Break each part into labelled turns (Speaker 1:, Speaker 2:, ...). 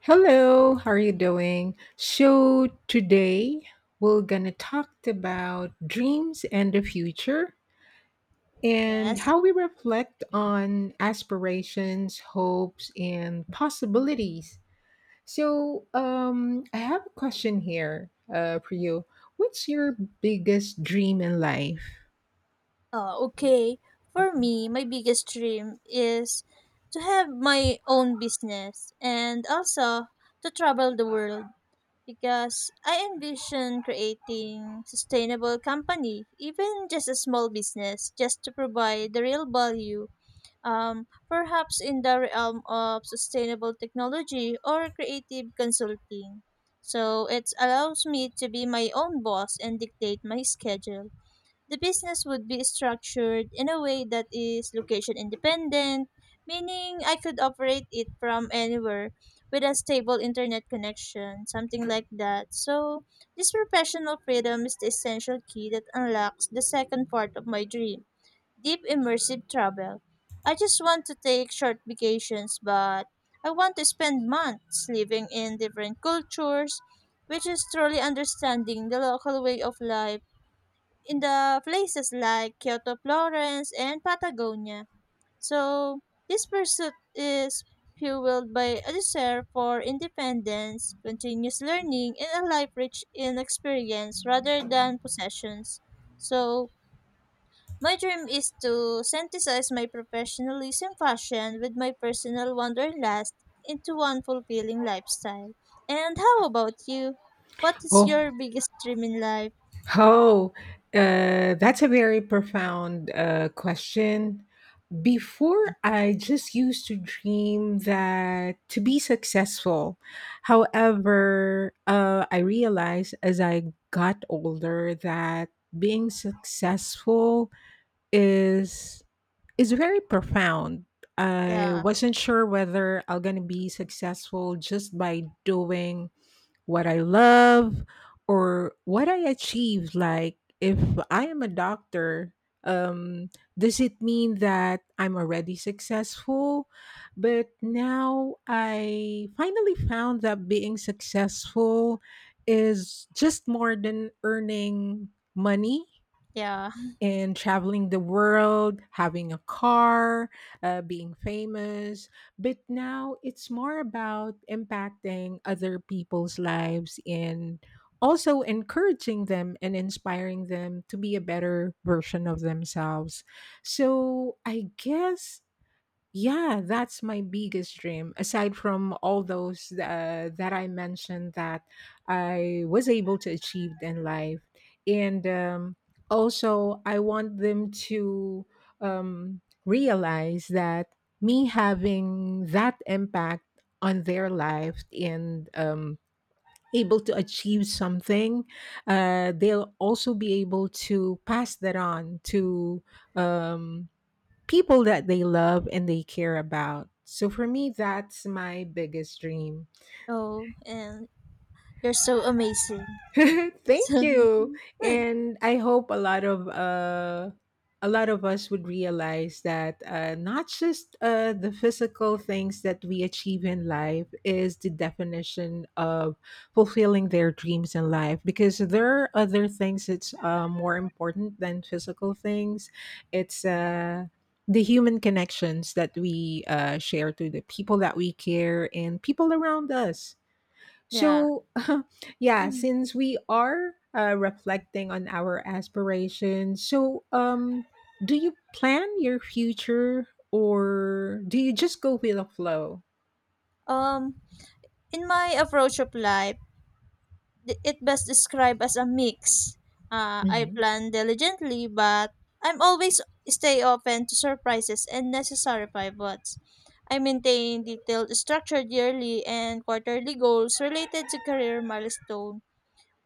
Speaker 1: Hello, how are you doing? So today we're gonna talk about dreams and the future and
Speaker 2: Yes.
Speaker 1: how we reflect on aspirations, hopes, and possibilities. So I have a question here for you. What's your biggest dream in life?
Speaker 2: Okay. For me, my biggest dream is to have my own business and also to travel the world because I envision creating sustainable company, even just a small business, just to provide the real value. Perhaps in the realm of sustainable technology or creative consulting. So it allows me to be my own boss and dictate my schedule. The business would be structured in a way that is location independent, meaning I could operate it from anywhere with a stable internet connection, something like that. So, this professional freedom is the essential key that unlocks the second part of my dream deep immersive travel. I just want to take short vacations, but I want to spend months living in different cultures, which is truly understanding the local way of life in the places like Kyoto, Florence, and Patagonia. So this pursuit is fueled by a desire for independence, continuous learning, and a life rich in experience rather than possessions. So my dream is to synthesize my professionalism fashion with my personal wanderlust into one fulfilling lifestyle. And how about you? What is
Speaker 1: Oh,
Speaker 2: your biggest dream in life?
Speaker 1: oh, that's a very profound question. Before, I just used to dream that to be successful. However, I realized as I got older that being successful is is very profound. I
Speaker 2: Yeah,
Speaker 1: wasn't sure whether I'm gonna be successful just by doing what I love or what I achieve. Like, if I am a doctor, um, does it mean that I'm already successful? But now I finally found that being successful is just more than earning money
Speaker 2: yeah.
Speaker 1: and traveling the world, having a car, being famous. But now it's more about impacting other people's lives and also encouraging them and inspiring them to be a better version of themselves. So I guess yeah, that's my biggest dream. Aside from all those that I mentioned that I was able to achieve in life, and also I want them to realize that me having that impact on their life and able to achieve something, they'll also be able to pass that on to. Um, People that they love and they care about. So for me, that's my biggest dream.
Speaker 2: Oh, and you're so amazing.
Speaker 1: Thank
Speaker 2: So,
Speaker 1: you. And I hope a lot of us would realize that not just the physical things that we achieve in life is the definition of fulfilling their dreams in life, because there are other things that's more important than physical things. It's the human connections that we share to the people that we care and people around us,
Speaker 2: yeah.
Speaker 1: so, yeah, since we are reflecting on our aspirations, so do you plan your future or do you just go with the flow?
Speaker 2: Um, in my approach of life, it best described as a mix. I
Speaker 1: hmm
Speaker 2: plan diligently, but I'm always stay open to surprises and necessary pivots. I maintain detailed structured yearly and quarterly goals related to career milestone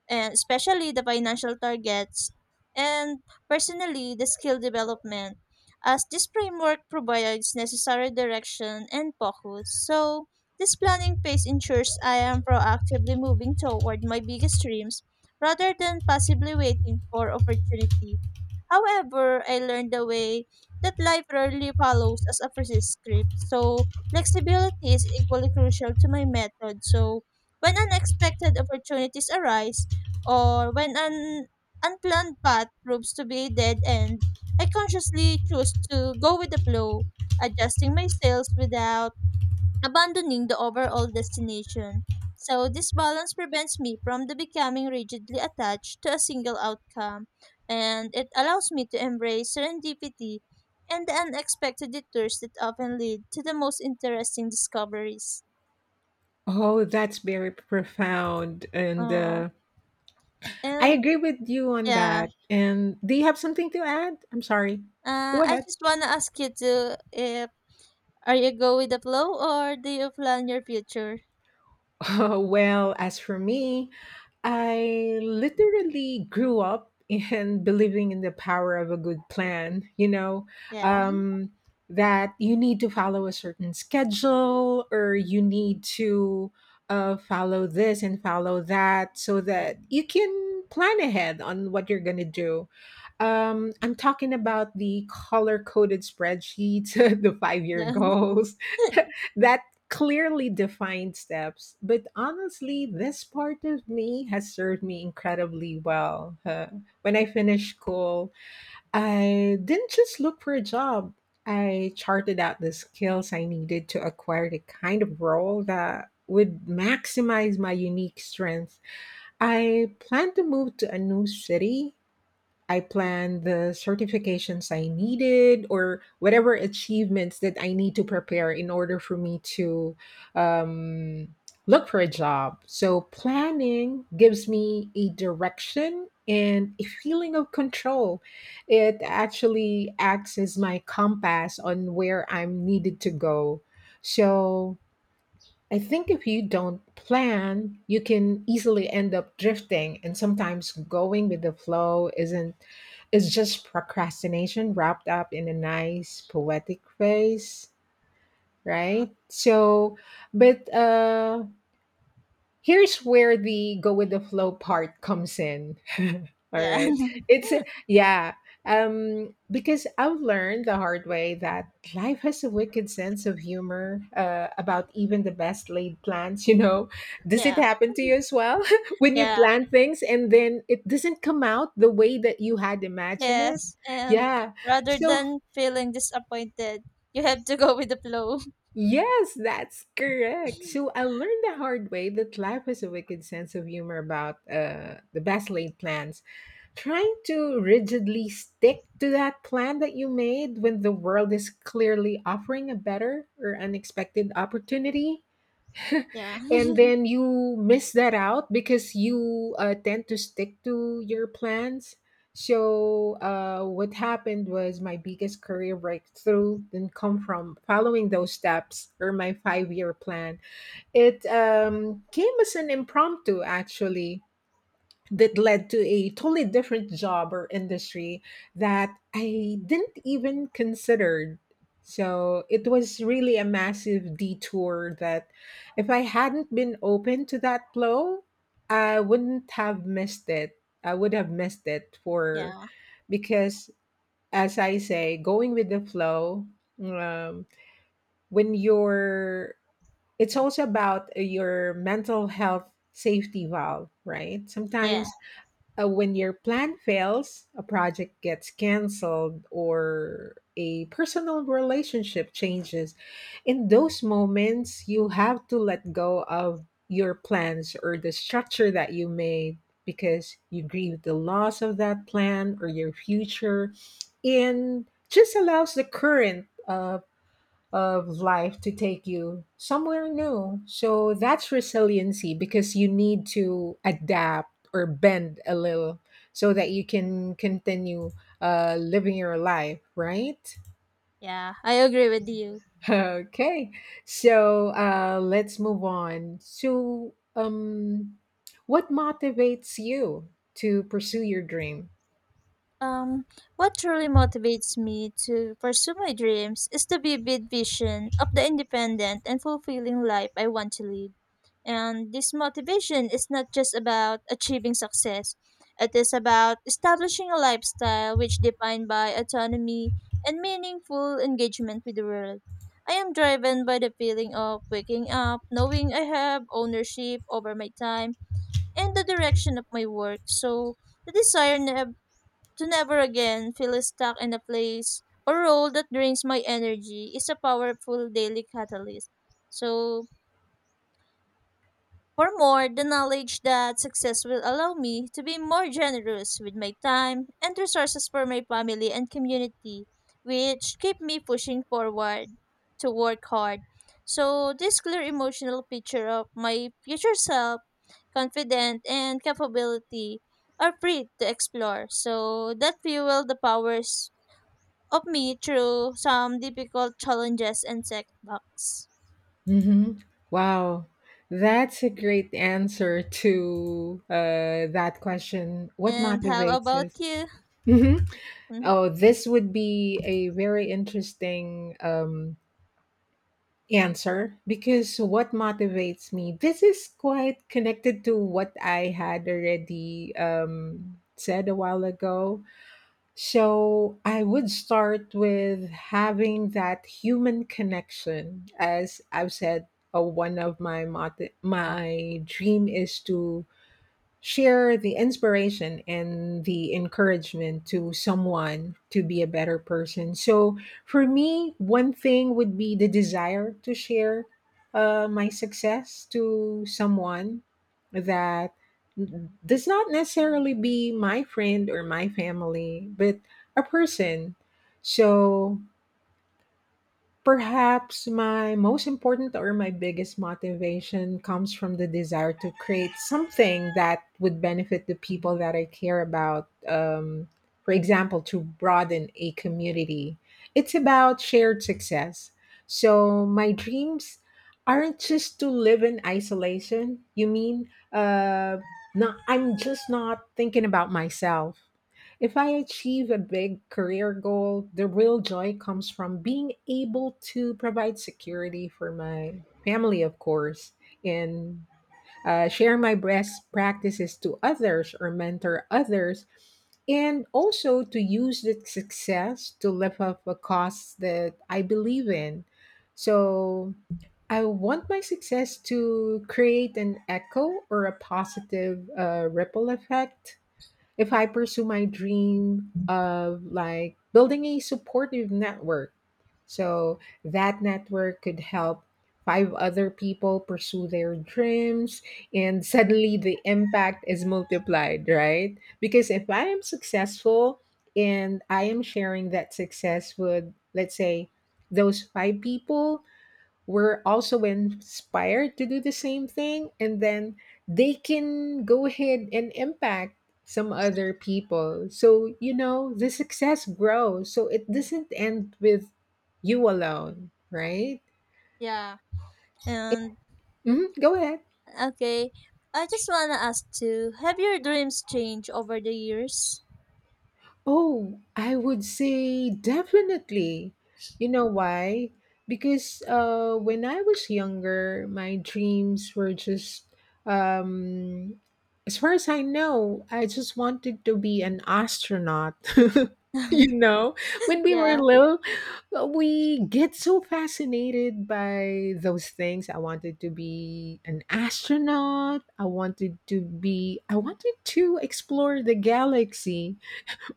Speaker 2: and especially the financial targets, and personally the skill development as this framework provides necessary direction and focus. So this planning phase ensures I am proactively moving toward my biggest dreams rather than passively waiting for opportunities. However, I learned the way that life rarely follows as a precise script, so flexibility is equally crucial to my method. So when unexpected opportunities arise or when an unplanned path proves to be a dead end, I consciously choose to go with the flow, adjusting my sails without abandoning the overall destination. So, this balance prevents me from the becoming rigidly attached to a single outcome, and it allows me to embrace serendipity and the unexpected detours that often lead to the most interesting discoveries.
Speaker 1: Oh, that's very profound. And
Speaker 2: Oh,
Speaker 1: I
Speaker 2: and
Speaker 1: agree with you on
Speaker 2: yeah,
Speaker 1: that. And do you have something to add? I'm sorry. Go
Speaker 2: I
Speaker 1: ahead.
Speaker 2: just wanna ask you too if are you go with the flow or do you plan your future?
Speaker 1: Well, as for me, I literally grew up in believing in the power of a good plan, you know,
Speaker 2: Yeah,
Speaker 1: um, that you need to follow a certain schedule or you need to follow this and follow that so
Speaker 2: yeah,
Speaker 1: that you can plan ahead on what you're going to do. I'm talking about the color coded spreadsheets, the 5-year
Speaker 2: yeah,
Speaker 1: goals, that clearly defined steps. But honestly, this part of me has served me incredibly well. Huh? When I finished school, I didn't just look for a job. I charted out the skills I needed to acquire the kind of role that would maximize my unique strengths. I planned to move to a new city. I planned the certifications I needed or whatever achievements that I need to prepare in order for me to um, look for a job. So, planning gives me a direction and a feeling of control. It actually acts as my compass on where I'm needed to go. So, I think if you don't plan, you can easily end up drifting, and sometimes going with the flow isn't, it's just procrastination wrapped up in a nice poetic phrase,
Speaker 2: yeah,
Speaker 1: right? So, but here's where the go with the flow part comes in. All
Speaker 2: yeah,
Speaker 1: right. It's yeah. Because I've learned the hard way that life has a wicked sense of humor about even the best laid plans. You know, does it
Speaker 2: yeah,
Speaker 1: happen to you as well when you
Speaker 2: yeah.
Speaker 1: plan things and then it doesn't come out the way that you had imagined it?
Speaker 2: Yes, and
Speaker 1: Yeah.
Speaker 2: rather
Speaker 1: So
Speaker 2: than feeling disappointed, you have to go with the flow.
Speaker 1: yes, that's correct. So I learned the hard way that life has a wicked sense of humor about the best laid plans. Trying to rigidly stick to that plan that you made when the world is clearly offering a better or unexpected opportunity
Speaker 2: Yeah.
Speaker 1: and then you miss that out because you tend to stick to your plans. So what happened was my biggest career breakthrough didn't come from following those steps or my five-year plan. It came as an impromptu, actually, that led to a totally different job or industry that I didn't even consider. So it was really a massive detour that if I hadn't been open to that flow, I wouldn't have missed it. I would have missed it for,
Speaker 2: Yeah.
Speaker 1: because as I say, going with the flow, um, when you're, it's also about your mental health safety valve, right?
Speaker 2: Yeah.
Speaker 1: Sometimes when your plan fails, a project gets canceled, or a personal relationship changes, in those moments, you have to let go of your plans or the structure that you made, because you grieve the loss of that plan or your future, and just allows the current of life to take you somewhere new. So that's resiliency, because you need to adapt or bend a little so that you can continue living your life, right?
Speaker 2: Yeah, I agree with you.
Speaker 1: Okay. So let's move on. So, what motivates you to pursue your dream?
Speaker 2: Um, what truly motivates me to pursue my dreams is the vivid vision of the independent and fulfilling life I want to live. And this motivation is not just about achieving success, it is about establishing a lifestyle which defined by autonomy and meaningful engagement with the world. I am driven by the feeling of waking up, knowing I have ownership over my time and the direction of my work. So the desire never to never again feel stuck in a place or role that drains my energy is a powerful daily catalyst. So, for more, the knowledge that success will allow me to be more generous with my time and resources for my family and community, which keep me pushing forward to work hard. So, this clear emotional picture of my future self, confident, and capability are free to explore. So, that fuel the powers of me through some difficult challenges and setbacks.
Speaker 1: hmm Wow, that's a great answer to that question. What
Speaker 2: And how
Speaker 1: motivates us?
Speaker 2: about you?
Speaker 1: hmm
Speaker 2: Mhm.
Speaker 1: Oh, this would be a very interesting answer, because what motivates me? This is quite connected to what I had already said a while ago. So I would start with having that human connection. As I've said, one of my motto, my dream is to share the inspiration and the encouragement to someone to be a better person. So, for me, one thing would be the desire to share my success to someone that does not necessarily be my friend or my family, but a person. So, perhaps my most important or my biggest motivation comes from the desire to create something that would benefit the people that I care about. For example, to broaden a community, it's about shared success. So, my dreams aren't just to live in isolation. You mean, not, I'm just not thinking about myself. If I achieve a big career goal, the real joy comes from being able to provide security for my family, of course, and share my best practices to others or mentor others, and also to use the success to lift up a cause that I believe in. So I want my success to create an echo or a positive ripple effect if I pursue my dream of like building a supportive network. So that network could help five other people pursue their dreams, and suddenly the impact is multiplied, right? Because if I am successful and I am sharing that success with, let's say, those five people, were also inspired to do the same thing, and then they can go ahead and impact some other people, so you know the success grows, so it doesn't end with you alone, right?
Speaker 2: Yeah. And
Speaker 1: Mhm, go ahead.
Speaker 2: okay, I just wanna ask too. Have your dreams changed over the years?
Speaker 1: Oh, I would say definitely. You know why? Because when I was younger, my dreams were just, um, as far as I know, I just wanted to be an astronaut. You know, when we were
Speaker 2: yeah,
Speaker 1: little, we get so fascinated by those things. I wanted to be an astronaut. I wanted to explore the galaxy,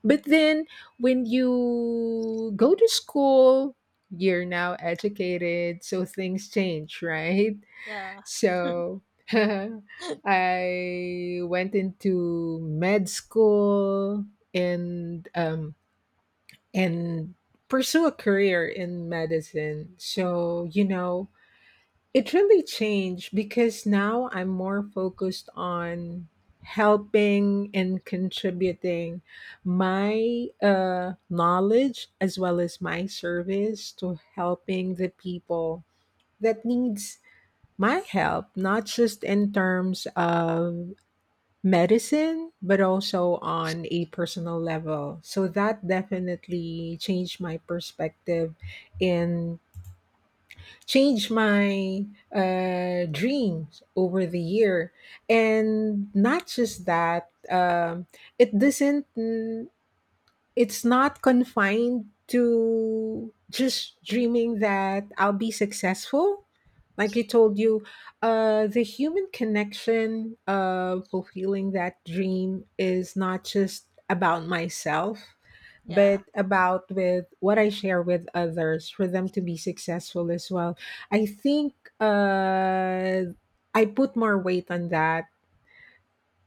Speaker 1: but then when you go to school, you're now educated, so things change, right?
Speaker 2: yeah,
Speaker 1: So I went into med school and and pursue a career in medicine. So, you know, it really changed because now I'm more focused on helping and contributing my knowledge as well as my service to helping the people that needs my help, not just in terms of medicine but also on a personal level, so that definitely changed my perspective in, changed my dreams over the year. And not just that, it doesn't it's not confined to just dreaming that I'll be successful. Like I told you, the human connection of fulfilling that dream is not just about myself, but
Speaker 2: yeah.
Speaker 1: about with what I share with others for them to be successful as well. I think I put more weight on that,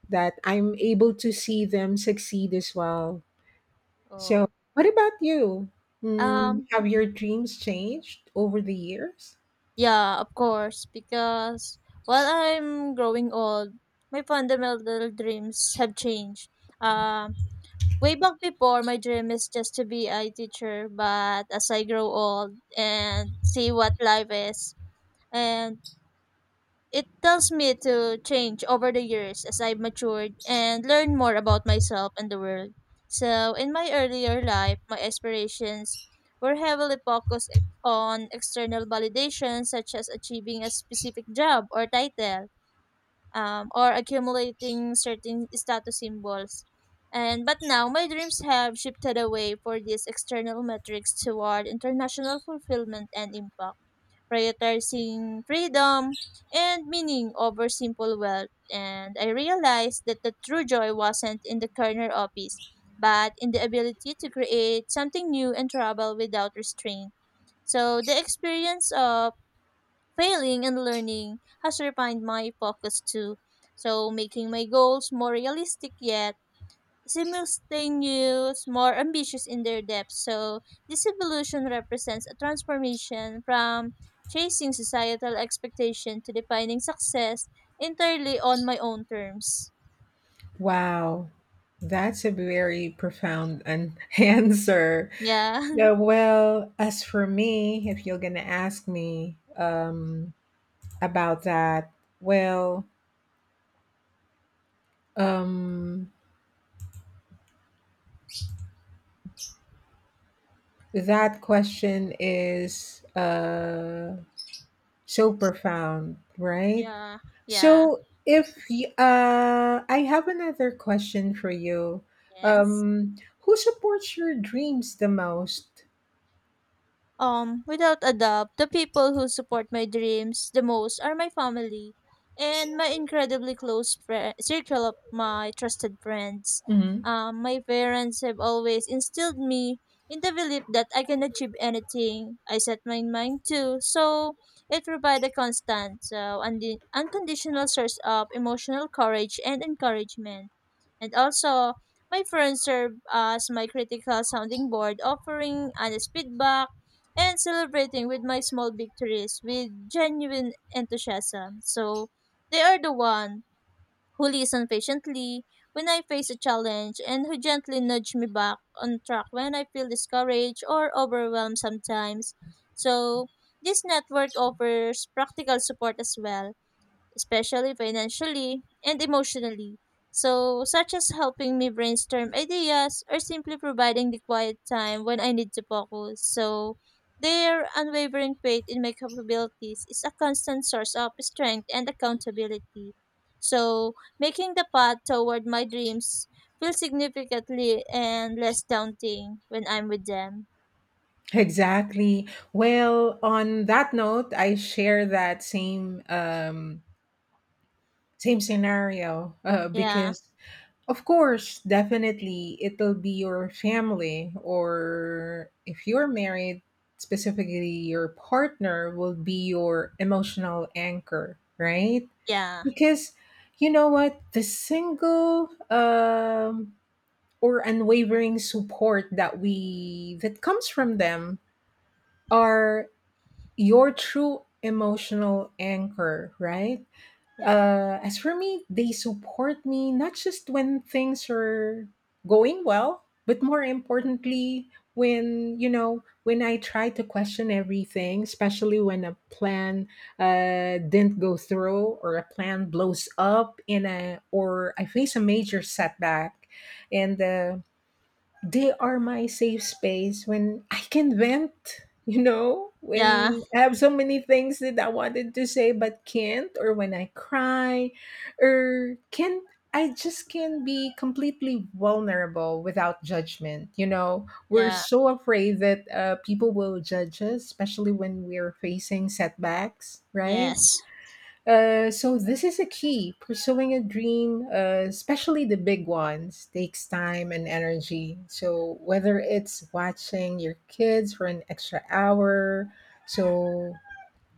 Speaker 1: that I'm able to see them succeed as well, so,
Speaker 2: Oh.
Speaker 1: what about you? Mm,
Speaker 2: Um,
Speaker 1: have your dreams changed over the years?
Speaker 2: yeah, of course, because while I'm growing old, my fundamental dreams have changed. Um, Way back before, my dream is just to be a teacher, but as I grow old and see what life is, and it tells me to change over the years as I matured and learn more about myself and the world. So, in my earlier life, my aspirations were heavily focused on external validation, such as achieving a specific job or title, or accumulating certain status symbols. And but now my dreams have shifted away for these external metrics toward international fulfillment and impact, prioritizing freedom and meaning over simple wealth. And I realized that the true joy wasn't in the corner office, but in the ability to create something new and travel without restraint. So the experience of failing and learning has refined my focus too, so making my goals more realistic yet simultaneous, more ambitious in their depth. So this evolution represents a transformation from chasing societal expectation to defining success entirely on my own terms.
Speaker 1: Wow, that's a very profound answer.
Speaker 2: Yeah,
Speaker 1: Yeah, well, as for me, if you're gonna ask me about that, well, um, that question is so profound, right?
Speaker 2: yeah, yeah,
Speaker 1: So if y- I have another question for you,
Speaker 2: yes.
Speaker 1: who supports your dreams the most?
Speaker 2: Without a doubt, the people who support my dreams the most are my family and my incredibly close fri circle of my trusted friends.
Speaker 1: Mhm.
Speaker 2: My parents have always instilled me in the belief that I can achieve anything I set my mind to, so it provides a constant, so unconditional source of emotional courage and encouragement. And also, my friends serve as my critical sounding board, offering honest feedback and celebrating with my small victories with genuine enthusiasm. So they are the one who listen patiently when I face a challenge and who gently nudge me back on track when I feel discouraged or overwhelmed sometimes. So this network offers practical support as well, especially financially and emotionally. So, such as helping me brainstorm ideas or simply providing the quiet time when I need to focus. So, their unwavering faith in my capabilities is a constant source of strength and accountability. So, making the path toward my dreams feels significantly and less daunting when I'm with them.
Speaker 1: Exactly. Well, on that note, I share that same same scenario
Speaker 2: Yeah,
Speaker 1: because of course, definitely it'll be your family, or if you're married, specifically your partner will be your emotional anchor, right?
Speaker 2: yeah,
Speaker 1: Because you know what, the single or unwavering support that we that comes from them are your true emotional anchor, right?
Speaker 2: yeah,
Speaker 1: As for me, they support me not just when things are going well, but more importantly, when when I try to question everything, especially when a plan didn't go through or a plan blows up in a or I face a major setback, and they are my safe space when I can vent,
Speaker 2: yeah,
Speaker 1: when I have so many things that I wanted to say but can't, or when I cry, or can I just can be completely vulnerable without judgment. You know, we're
Speaker 2: yeah,
Speaker 1: so afraid that people will judge us, especially when we're facing setbacks, right?
Speaker 2: yes,
Speaker 1: So this is a key. Pursuing a dream, especially the big ones, takes time and energy. So whether it's watching your kids for an extra hour, so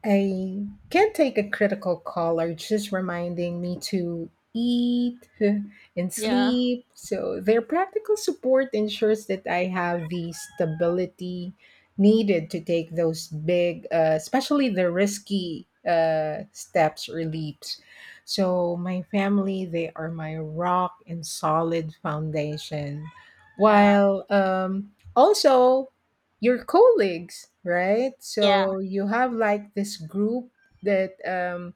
Speaker 1: I can't take a critical call or just reminding me to eat and
Speaker 2: yeah,
Speaker 1: sleep. So their practical support ensures that I have the stability needed to take those big, especially the risky steps or leaps. So my family, they are my rock and solid foundation.
Speaker 2: yeah,
Speaker 1: While also your colleagues, right? So you have like this group that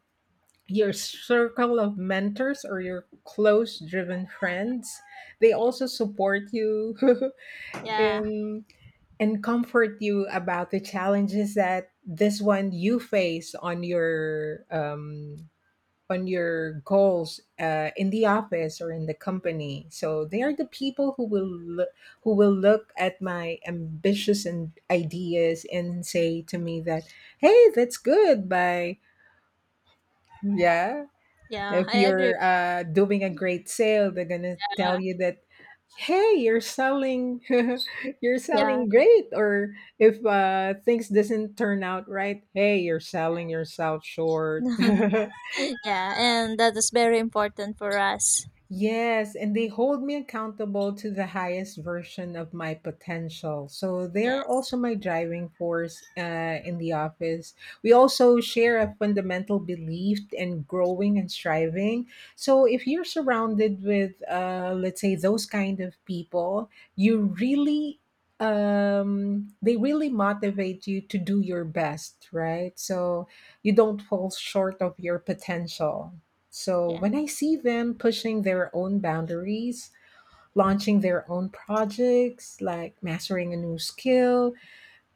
Speaker 1: your circle of mentors or your close driven friends, they
Speaker 2: yeah.
Speaker 1: also support you
Speaker 2: Yeah,
Speaker 1: in and comfort you about the challenges that this one you face on your goals in the office or in the company. So they are the people who will look at my ambitious and ideas and say to me that, "Hey, that's good." By yeah,
Speaker 2: yeah,
Speaker 1: if
Speaker 2: I agree with
Speaker 1: you're doing a great sale, they're gonna tell
Speaker 2: that.
Speaker 1: you that. Hey, you're selling, you're
Speaker 2: Yeah,
Speaker 1: selling great. Or if things doesn't turn out right, hey, you're selling yourself short.
Speaker 2: yeah, and that is very important for us.
Speaker 1: Yes, and they hold me accountable to the highest version of my potential. So they're
Speaker 2: Yes.
Speaker 1: also my driving force in the office. We also share a fundamental belief in growing and striving. So if you're surrounded with, let's say, those kind of people, you really they really motivate you to do your best, right? So you don't fall short of your potential. So
Speaker 2: Yeah.
Speaker 1: when I see them pushing their own boundaries, launching their own projects, like mastering a new skill,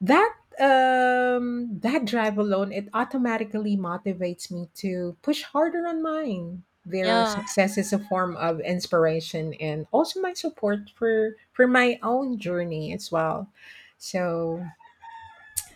Speaker 1: that drive alone, it automatically motivates me to push harder on mine. Their
Speaker 2: Yeah.
Speaker 1: success is a form of inspiration and also my support for my own journey as well. So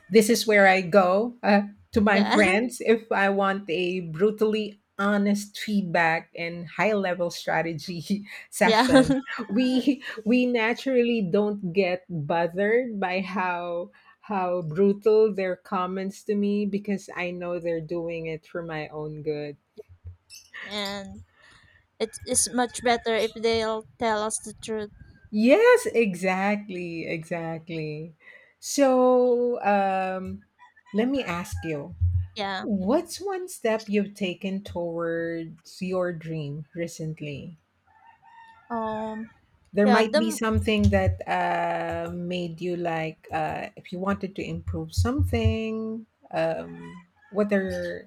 Speaker 1: this is where I go to my
Speaker 2: Yeah.
Speaker 1: friends if I want a brutally honest feedback and high level strategy
Speaker 2: Yeah.
Speaker 1: sessions. We naturally don't get bothered by how brutal their comments to me because I know they're doing it for my own good.
Speaker 2: And it is much better if they'll tell us the truth.
Speaker 1: Yes, exactly, exactly. So, let me ask you,
Speaker 2: Yeah.
Speaker 1: what's one step you've taken towards your dream recently?
Speaker 2: Um.
Speaker 1: There
Speaker 2: Yeah.
Speaker 1: might
Speaker 2: The
Speaker 1: be
Speaker 2: m-
Speaker 1: something that made you like, if you wanted to improve something, what are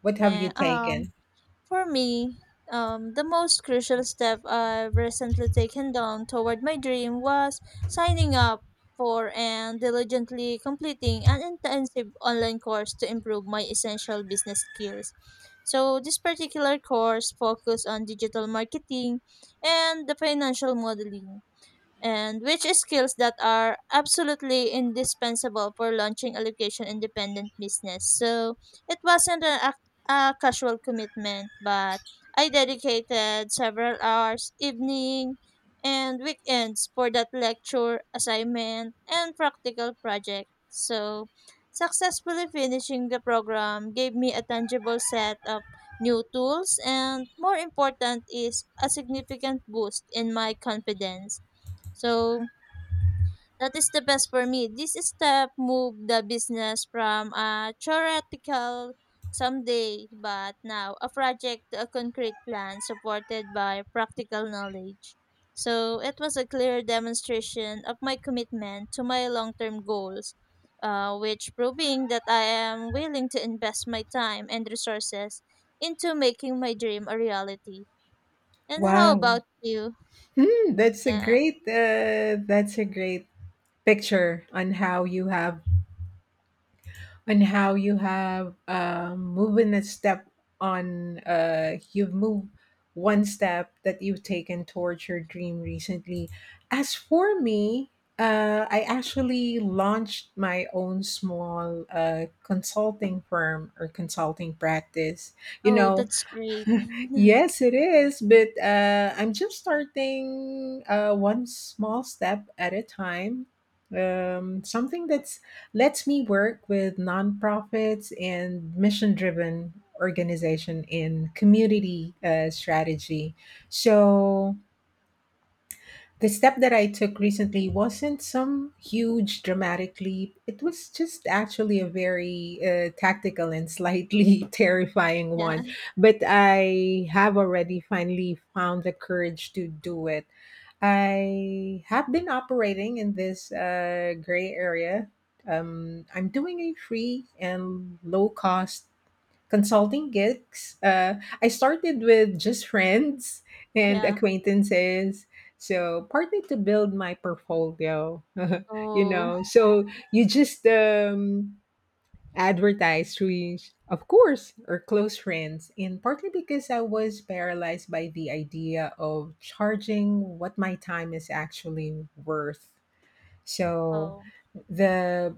Speaker 1: what have you
Speaker 2: yeah.
Speaker 1: taken?
Speaker 2: For me, the most crucial step I've recently taken down toward my dream was signing up for and diligently completing an intensive online course to improve my essential business skills. So, this particular course focused on digital marketing and the financial modeling and which is skills that are absolutely indispensable for launching a location independent business. So it wasn't a casual commitment, but I dedicated several hours, evening and weekends for that lecture, assignment, and practical project. So successfully finishing the program gave me a tangible set of new tools and more important is a significant boost in my confidence, so that is the best for me. This step moved the business from a theoretical someday, but now a project to a concrete plan supported by practical knowledge. So it was a clear demonstration of my commitment to my long-term goals, which proving that I am willing to invest my time and resources into making my dream a reality. And how about
Speaker 1: Wow.
Speaker 2: you?
Speaker 1: Hmm, that's a
Speaker 2: Yeah.
Speaker 1: great picture on how you have and how you have moving a step on you've moved one step that you've taken towards your dream recently. As for me, I actually launched my own small consulting firm or consulting practice, you
Speaker 2: Oh,
Speaker 1: know.
Speaker 2: that's great.
Speaker 1: Yes, it is, but I'm just starting one small step at a time. Something that's lets me work with nonprofits and mission-driven organization in community strategy. So the step that I took recently wasn't some huge dramatic leap. It was just actually a very tactical and slightly terrifying
Speaker 2: yeah.
Speaker 1: one. But I have already finally found the courage to do it. I have been operating in this gray area. I'm doing a free and low cost consulting gigs, I started with just friends and
Speaker 2: Yeah.
Speaker 1: acquaintances. So partly to build my portfolio, you
Speaker 2: Oh,
Speaker 1: know. So you just advertise through, of course, or close friends, and partly because I was paralyzed by the idea of charging what my time is actually worth. So
Speaker 2: Oh,
Speaker 1: the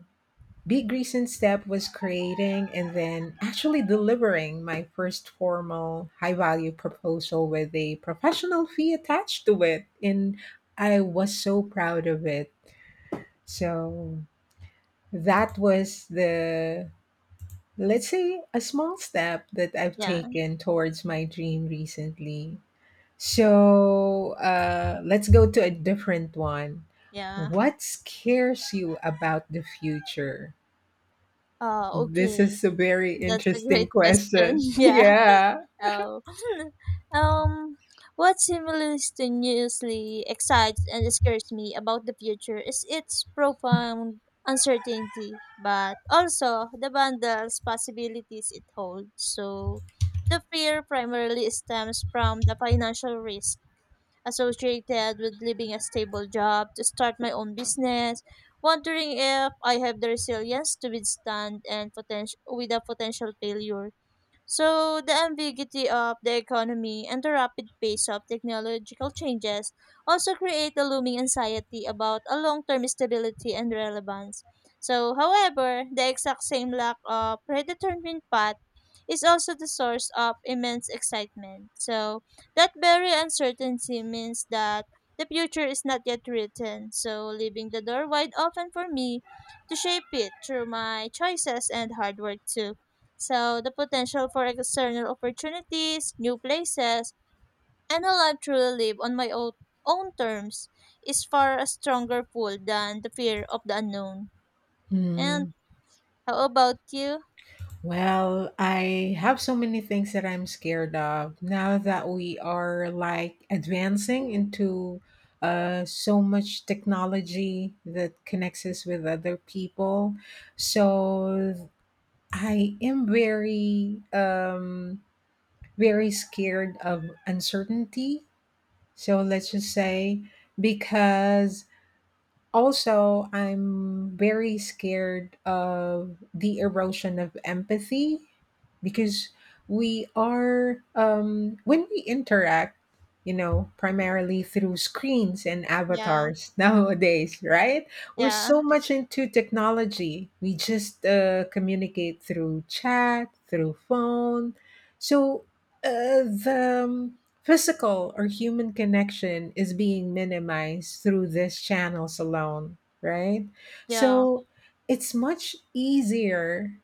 Speaker 1: big recent step was creating and then actually delivering my first formal high value proposal with a professional fee attached to it, and I was so proud of it. So that was the, let's say, a small step that I've
Speaker 2: yeah.
Speaker 1: taken towards my dream recently. So let's go to a different one.
Speaker 2: Yeah.
Speaker 1: What scares you about the future?
Speaker 2: Oh,
Speaker 1: This
Speaker 2: okay.
Speaker 1: is a very
Speaker 2: That's a
Speaker 1: interesting
Speaker 2: great question.
Speaker 1: question.
Speaker 2: yeah.
Speaker 1: Yeah.
Speaker 2: Oh. um, what simultaneously excites and scares me about the future is its profound uncertainty, but also the bundles possibilities it holds. So, the fear primarily stems from the financial risk associated with leaving a stable job to start my own business, wondering if I have the resilience to withstand and with a potential failure. So, the ambiguity of the economy and the rapid pace of technological changes also create a looming anxiety about a long term stability and relevance. So, however, the exact same lack of predetermined path is also the source of immense excitement. So, that very uncertainty means that the future is not yet written, so leaving the door wide open for me to shape it through my choices and hard work too. So the potential for external opportunities, new places, and a life truly live on my own, own terms is far a stronger pull than the fear of the unknown. And
Speaker 1: Hmm.
Speaker 2: how about you?
Speaker 1: Well, I have so many things that I'm scared of now that we are like advancing into so much technology that connects us with other people. So I am very, very scared of uncertainty. So let's just say because also, I'm very scared of the erosion of empathy because we are, when we interact, you know, primarily through screens and
Speaker 2: Yeah,
Speaker 1: avatars nowadays, right? We're
Speaker 2: yeah,
Speaker 1: so much into technology. We just communicate through chat, through phone. So, the physical or human connection is being minimized through these channels alone, right?
Speaker 2: yeah,
Speaker 1: So it's much easier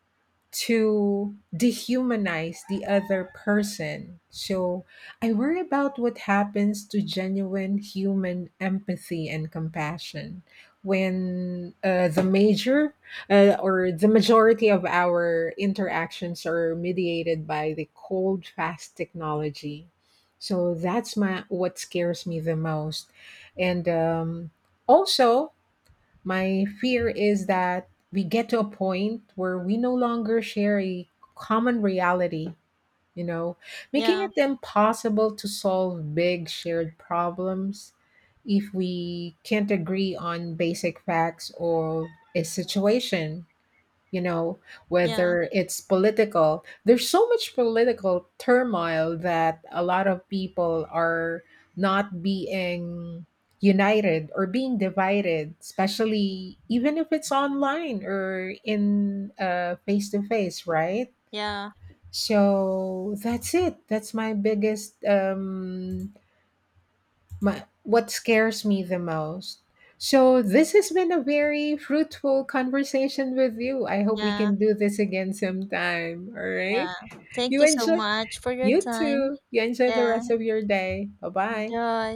Speaker 1: to dehumanize the other person. So I worry about what happens to genuine human empathy and compassion when the majority of our interactions are mediated by the cold, fast technology. So that's my what scares me the most, and also my fear is that we get to a point where we no longer share a common reality, you know, making
Speaker 2: yeah,
Speaker 1: it impossible to solve big shared problems if we can't agree on basic facts or a situation, you know,
Speaker 2: yeah,
Speaker 1: whether it's political. There's so much political turmoil that a lot of people are not being united or being divided, especially even if it's online or in face to face, right?
Speaker 2: yeah,
Speaker 1: So that's it. That's my biggest my, what scares me the most. So, this has been a very fruitful conversation with you. I hope we
Speaker 2: yeah,
Speaker 1: can do this again sometime. All right.
Speaker 2: yeah. Thank
Speaker 1: You
Speaker 2: you so
Speaker 1: enjoy,
Speaker 2: much for your
Speaker 1: you too.
Speaker 2: time.
Speaker 1: You enjoy the
Speaker 2: Yeah,
Speaker 1: rest of your day. Bye bye.
Speaker 2: enjoy.